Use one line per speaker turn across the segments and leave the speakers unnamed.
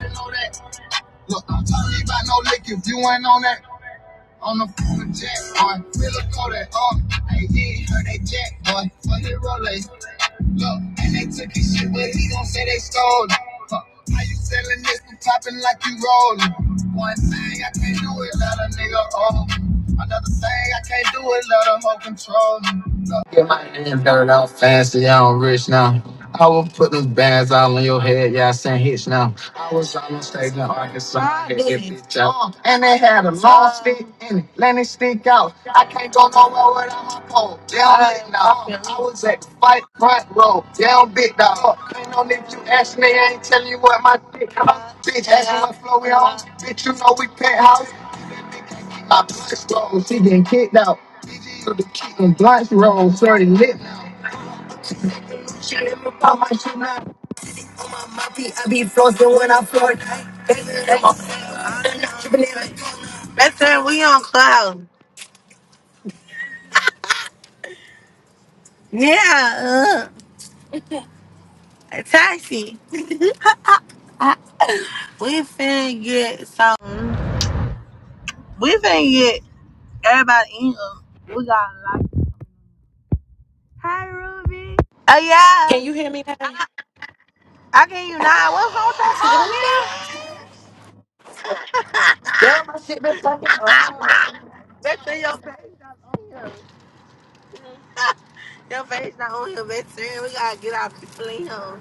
Look, I'm talking about no lick if you ain't on that. On the phone with Jack, boy. We look on that, oh. Hey, he heard that Jack, boy. But he rolling. Look, and they took his shit, but he gon' say they stole it. Huh. How you selling this and popping like you rolling? One thing I can't do is let a nigga own. Another thing I can't do is let a hoe control me. Look, Get my hands dirty, I'm fancy, yeah, I'm rich now. I will put them bands all on your head, yeah, I send hits now. I was on the stage in Arkansas. I hit that bitch out. And they had a long stick in it. Let it stick out. I can't go nowhere without my pole. Down big dog. I was at the fight front row. Down big dog. Ain't no nigga you ask me. I ain't telling you what my dick cost. Bitch, ask me what flow we on. Bitch, you know we penthouse. My blunt rolls. She getting kicked out. BG with the kicking blunt rolls. Sorry, lit now. She let me my shit now. I be flossing when I floor. I'm not tripping it like- That's it. We on cloud. Yeah, uh, taxi. We finna get some. We finna get everybody in. here. We got like, hi Ruby. Oh yeah,
Can you hear me now?
I can you not. What's wrong with
Ah, hey,
your
man. Girl, my shit been fucking
phone, man?
up.
That's in your face not on here. your face not on here, best friend. We gotta get our people in here.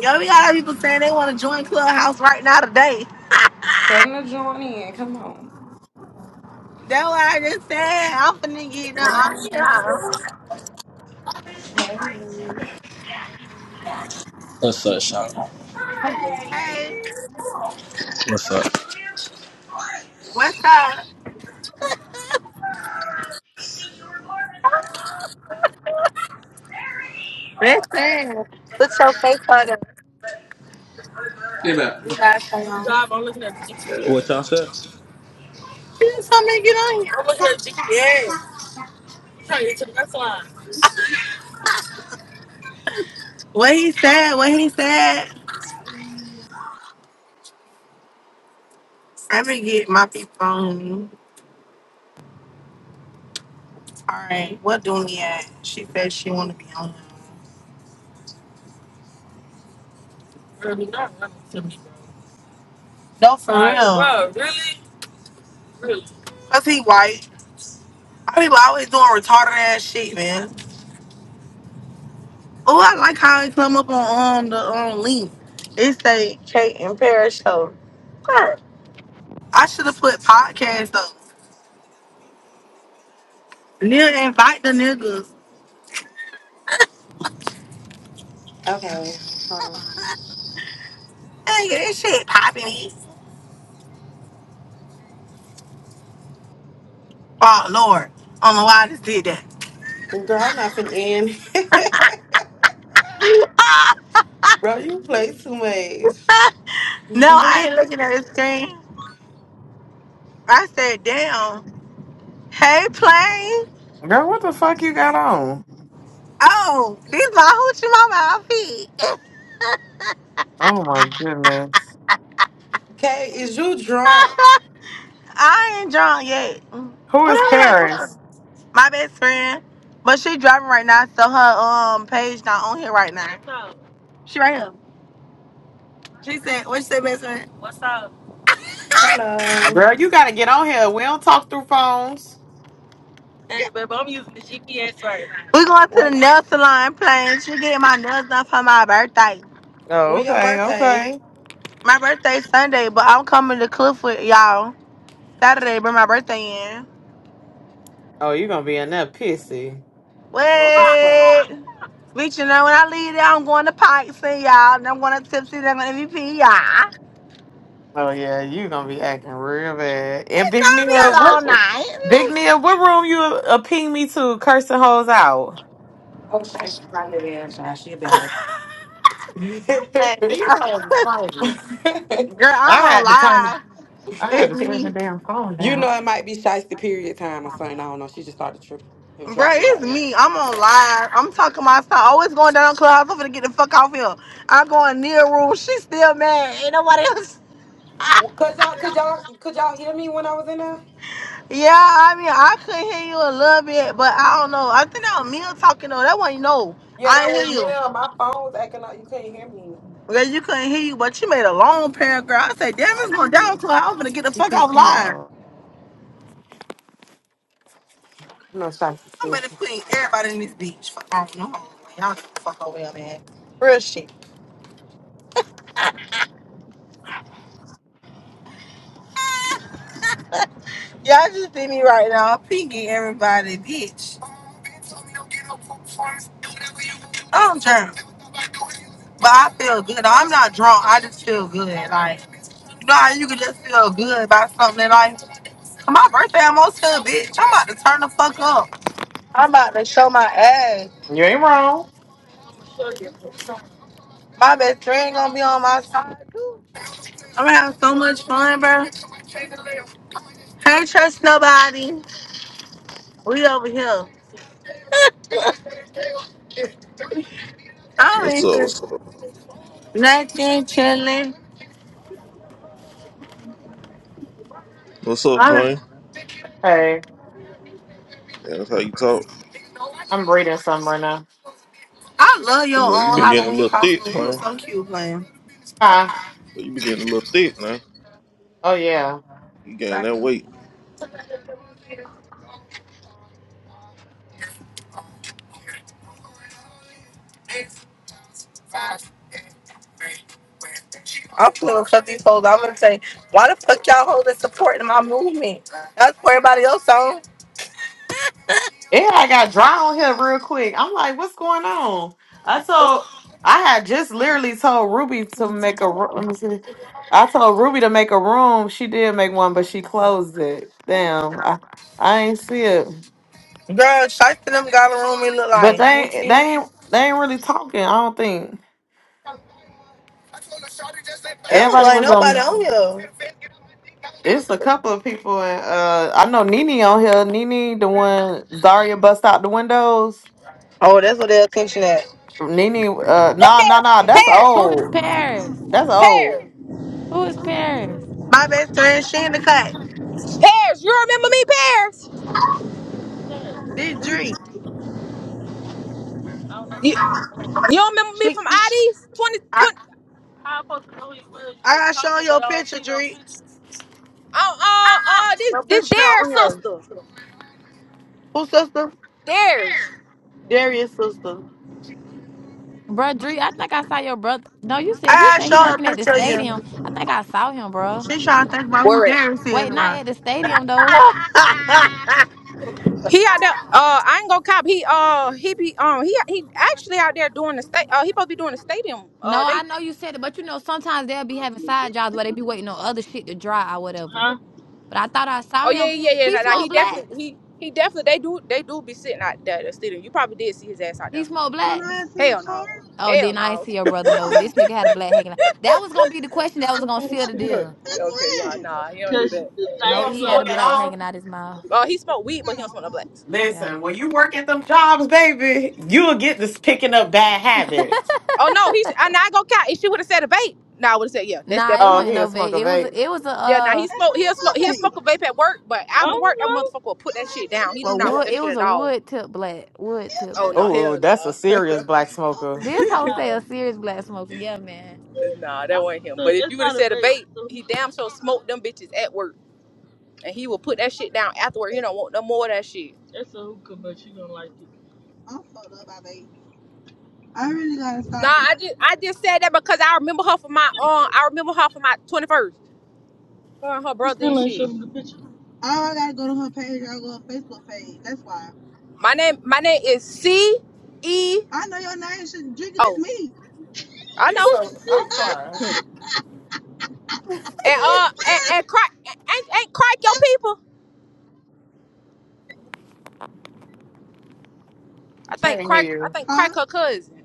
Yo, we got our people saying they wanna join Clubhouse right now today. That's what I just said. I'm finna get the on
Hey.
What's up, Sean?
Hello.
Hey,
What's up?
what's up? Listen.
What y'all said?
Yes, I'm gonna get on here. I'm looking at GPS. What he said, what he said. I gonna get my people on. me. All right, what do we at? She said she want to be on. here. No, f- cause he white. Our People always doing retarded ass shit, man. Oh, I like how he come up on um, the um, link. It say Kate and Paris show. Girl, I should have put podcast up. Nigga, invite the niggas.
Okay, hold
Nigga, this shit popping. Oh Lord, I don't know why I just did
on. Girl, I'm not finna end.
that.
Bro, you play too much.
No, I ain't looking at the screen. I said, damn. Hey, plane.
Girl, what the fuck you got on?
Oh, these my hoochie mama outfit.
Oh my goodness.
okay, is you drunk?
I ain't drunk yet.
Who is
What are you like? this?
Paris?
My best friend. But she driving right now, so her um page not on here right now. She right here. She said, what she said, best friend?
Hello.
Girl, you gotta get on here. We don't talk through phones.
We going to the
What?
nail salon plane. She getting my nails done for my birthday.
Oh,
When your
okay,
birthday?
okay.
My birthday Sunday, but I'm coming to Cliffwood, y'all. Saturday, bring my birthday in.
Oh, you gonna be in there pissy.
Drunk as fuck.
Wait. Bitch, you know when I leave there, I'm going to Pikes and y'all, and I'm going to Tipsy, and I'm going to MVP, y'all.
Oh yeah, you gonna be acting real bad. And
It's
Big
gonna be
Nia,
a
what
long
Big
night.
Nia, what room you uh, ping me to cursing hoes out?
Oh, Shy, she's right there. Shy, she'll be all
Man, these hoes is
Mm.
crazy.
Girl, I'm
I
on
had to turn
live.
I had
It's
to
right.
turn the
me.
damn phone
You
down.
know, it might be shiesty period time or something. I don't know. She just started tripping and
Bruh,
dropped me out of
it's
the room.
me. I'm on live. I'm talking my stuff. Always going down on Clubhouse. I'm finna get the fuck off here. I'm going near room. She's still mad. Ain't nobody else.
Well, Could y'all, could y'all, could y'all hear me when I was in there?
Yeah, I mean, I could hear you a little bit, but I don't know. I think that was Mia talking though. That wasn't no.
Yeah,
I
that
ain't hear
was me.
you.
My phone was acting up. You couldn't hear me.
Yeah, you couldn't hear you, but you made a long paragraph. I said, damn,
I
it's going
did.
down to I'm gonna get the
She
fuck out
pissed me
live.
off. No shiesty
I'm gonna
sis.
quit everybody in this beach. Fuck off, no. man. Y'all get the fuck over here, man. Real shit. Y'all just did me right now. Pinky everybody, bitch. I'm drunk, but I feel good. I'm not drunk. I just feel good. Like, you know how you can just feel good about something that like, my birthday almost here, bitch. I'm about to turn the fuck up. I'm about to show my ass.
You ain't wrong.
My best friend gonna be on my side, too. I'm gonna have so much fun, bro. Can't trust nobody. We over here. I
What's
ain't
up? What's
just
up?
nothing chilling.
What's up,
I,
plan?
Hey,
Yeah, that's how you talk.
I'm reading something right now.
I love
You
your
know, you
own
been getting a
Halloween
little thick,
costume. You was
plan.
so cute playing.
Hi.
You been getting a little thick now.
Oh yeah.
You gained that weight.
I'm gonna cut these hoes. I'm gonna say, why the fuck y'all hold that supporting my movement? That's for everybody else on.
Everybody got dry on here real quick. I'm like, what's going on? I told, I had just literally told Ruby to make a. ru- Let me see. I told Ruby to make a room. She did make one, but she closed it. Damn, I, I ain't see it.
Girl, shots to them got a room it look
But
like. Let
they,
me see.
ain't-
It
they ain't, they ain't really talking. I don't think
don't look
everybody
like
was
nobody
on.
on here.
It's a couple of people, and uh, I know Nene on here. Nene, the one Zaria bust out the windows.
Oh, that's what they're attention at.
Nene, uh, nah, nah,
Pears,
nah. That's
pears,
Who is
old.
Paris?
That's old.
pears,
Who is Paris?
My best friend, she in the cut.
pears. You remember me, pears?
This Dree.
You, you don't remember me
She,
from ID's 20,
I,
20
I got
uh, uh, uh, this,
no
this
picture
their
on her.
sister,
Who sister?
theirs.
Darius' sister.
Bruh, Dree, I think I saw your brother. No, you said if you
I
said he
showed a
working at the
picture of
stadium,
you.
I think I saw him, bruh.
She trying to think about who
Where it?
Darius is.
Wait, not at the stadium though.
Huh?
He out there. Uh, I ain't gonna cop. He uh, he be um, he he actually out there doing the state. Uh, he supposed to be doing the stadium.
No,
Uh, they.
I know you said it, but you know sometimes they'll be having side jobs where they be waiting on other shit to dry or whatever. But I thought I saw
Oh yeah,
him.
yeah, yeah. yeah,
He
Nah, nah,
smoked
he definitely
blacks.
he he definitely they do they do be sitting out there the stadium. You probably did see his ass out
He
there.
smoked blacks.
Hell no.
Oh,
Hell
then I ain't
no.
see your brother. No, this nigga had a black hanging out. That was gonna be the question that was gonna seal the deal.
okay, y'all. Nah, he don't do that.
He
No,
don't
he had a
smoke at
black
all.
hanging out his mouth.
Oh, uh, he smoked weed, but he don't smoke no blacks.
Yeah.
Listen, when you work at them jobs, baby, you'll get this picking up bad habits.
Oh no, he's I not go count. If she would have said a vape, no, I would have said yeah. That's
Nah, it
Oh,
definitely
wasn't
what it
he
was.
a
no vape.
smoker,
It was
vape.
a, it was a
Yeah, now
uh
he smoke. He'll smoke. He'll smoke a vape at work, but after work, that motherfucker will put that shit down. He do
Well,
not want
wood.
that
It
shit
was
at
a
all.
wood tip black. Wood tip
Oh no,
black.
Oh,
hell
that's a
no.
serious black smoker.
This whole say a serious black smoker. Yeah, man.
nah, that wasn't him. But if you would have said a vape, he damn sure smoked them bitches at work, and he will put that shit down after work. He don't want no more of that shit. Nah, I just I just said that because I remember her for my um I remember her for my twenty first. Her and her brother and shit. My name my name is C E. Oh, I
She's
know.
so I'm crying.
And uh, and and crack ain't ain't crack your people. I
She
think
didn't hear
crack. I
you.
think crack her cousin.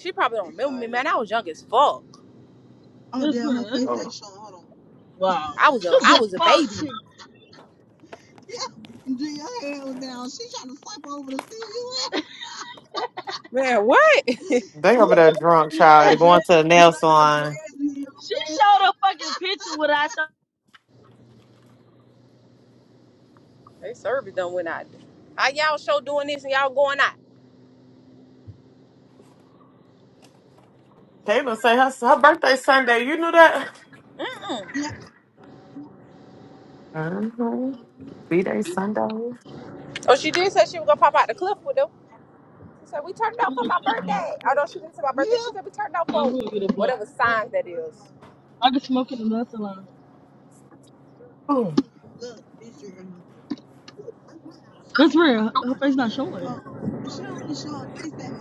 She probably don't remember me, man. I was young as fuck.
Oh.
I was a I was a baby. Man, what?
They over there drunk, child. They're going to the nail salon.
They service done went out. How y'all show doing this and y'all going out?
Kayla say her, her birthday Sunday. You knew that? Mm-hmm. B-Day Sunday.
Oh, she did say she was gonna pop out the cliff with them. She said we turned it off for my birthday. Although she didn't say my birthday, she said we turned it off for whatever sign that is.
Ooh.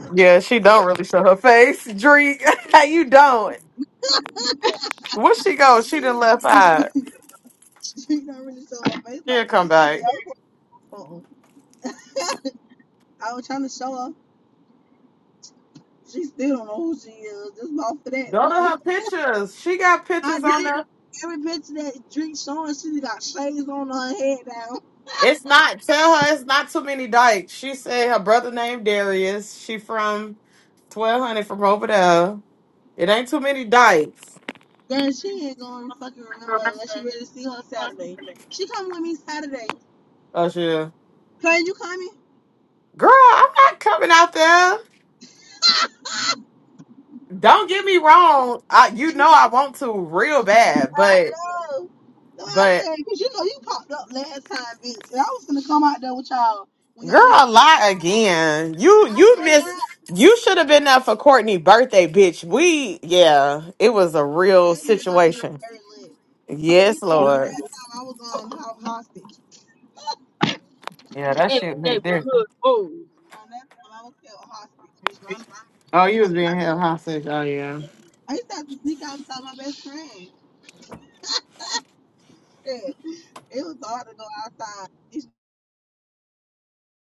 Yeah, she don't really show her face. Drink. you don't. Where she go? She done left out. She'll come back. Go to her pictures. She got pictures on there. It's not. Tell her it's not too many dykes. She said her brother named Darius. She from twelve hundred from over there. It ain't too many dykes. Oh sure, girl, I'm not coming out there. Don't get me wrong. I, you know I want to real bad, but but girl, lie again. You you miss. You should have been there for Courtney's birthday, bitch. We yeah, it was a real situation. Yes, Lord. Yeah, that shit be different. Oh, you was being held hostage. Oh, yeah.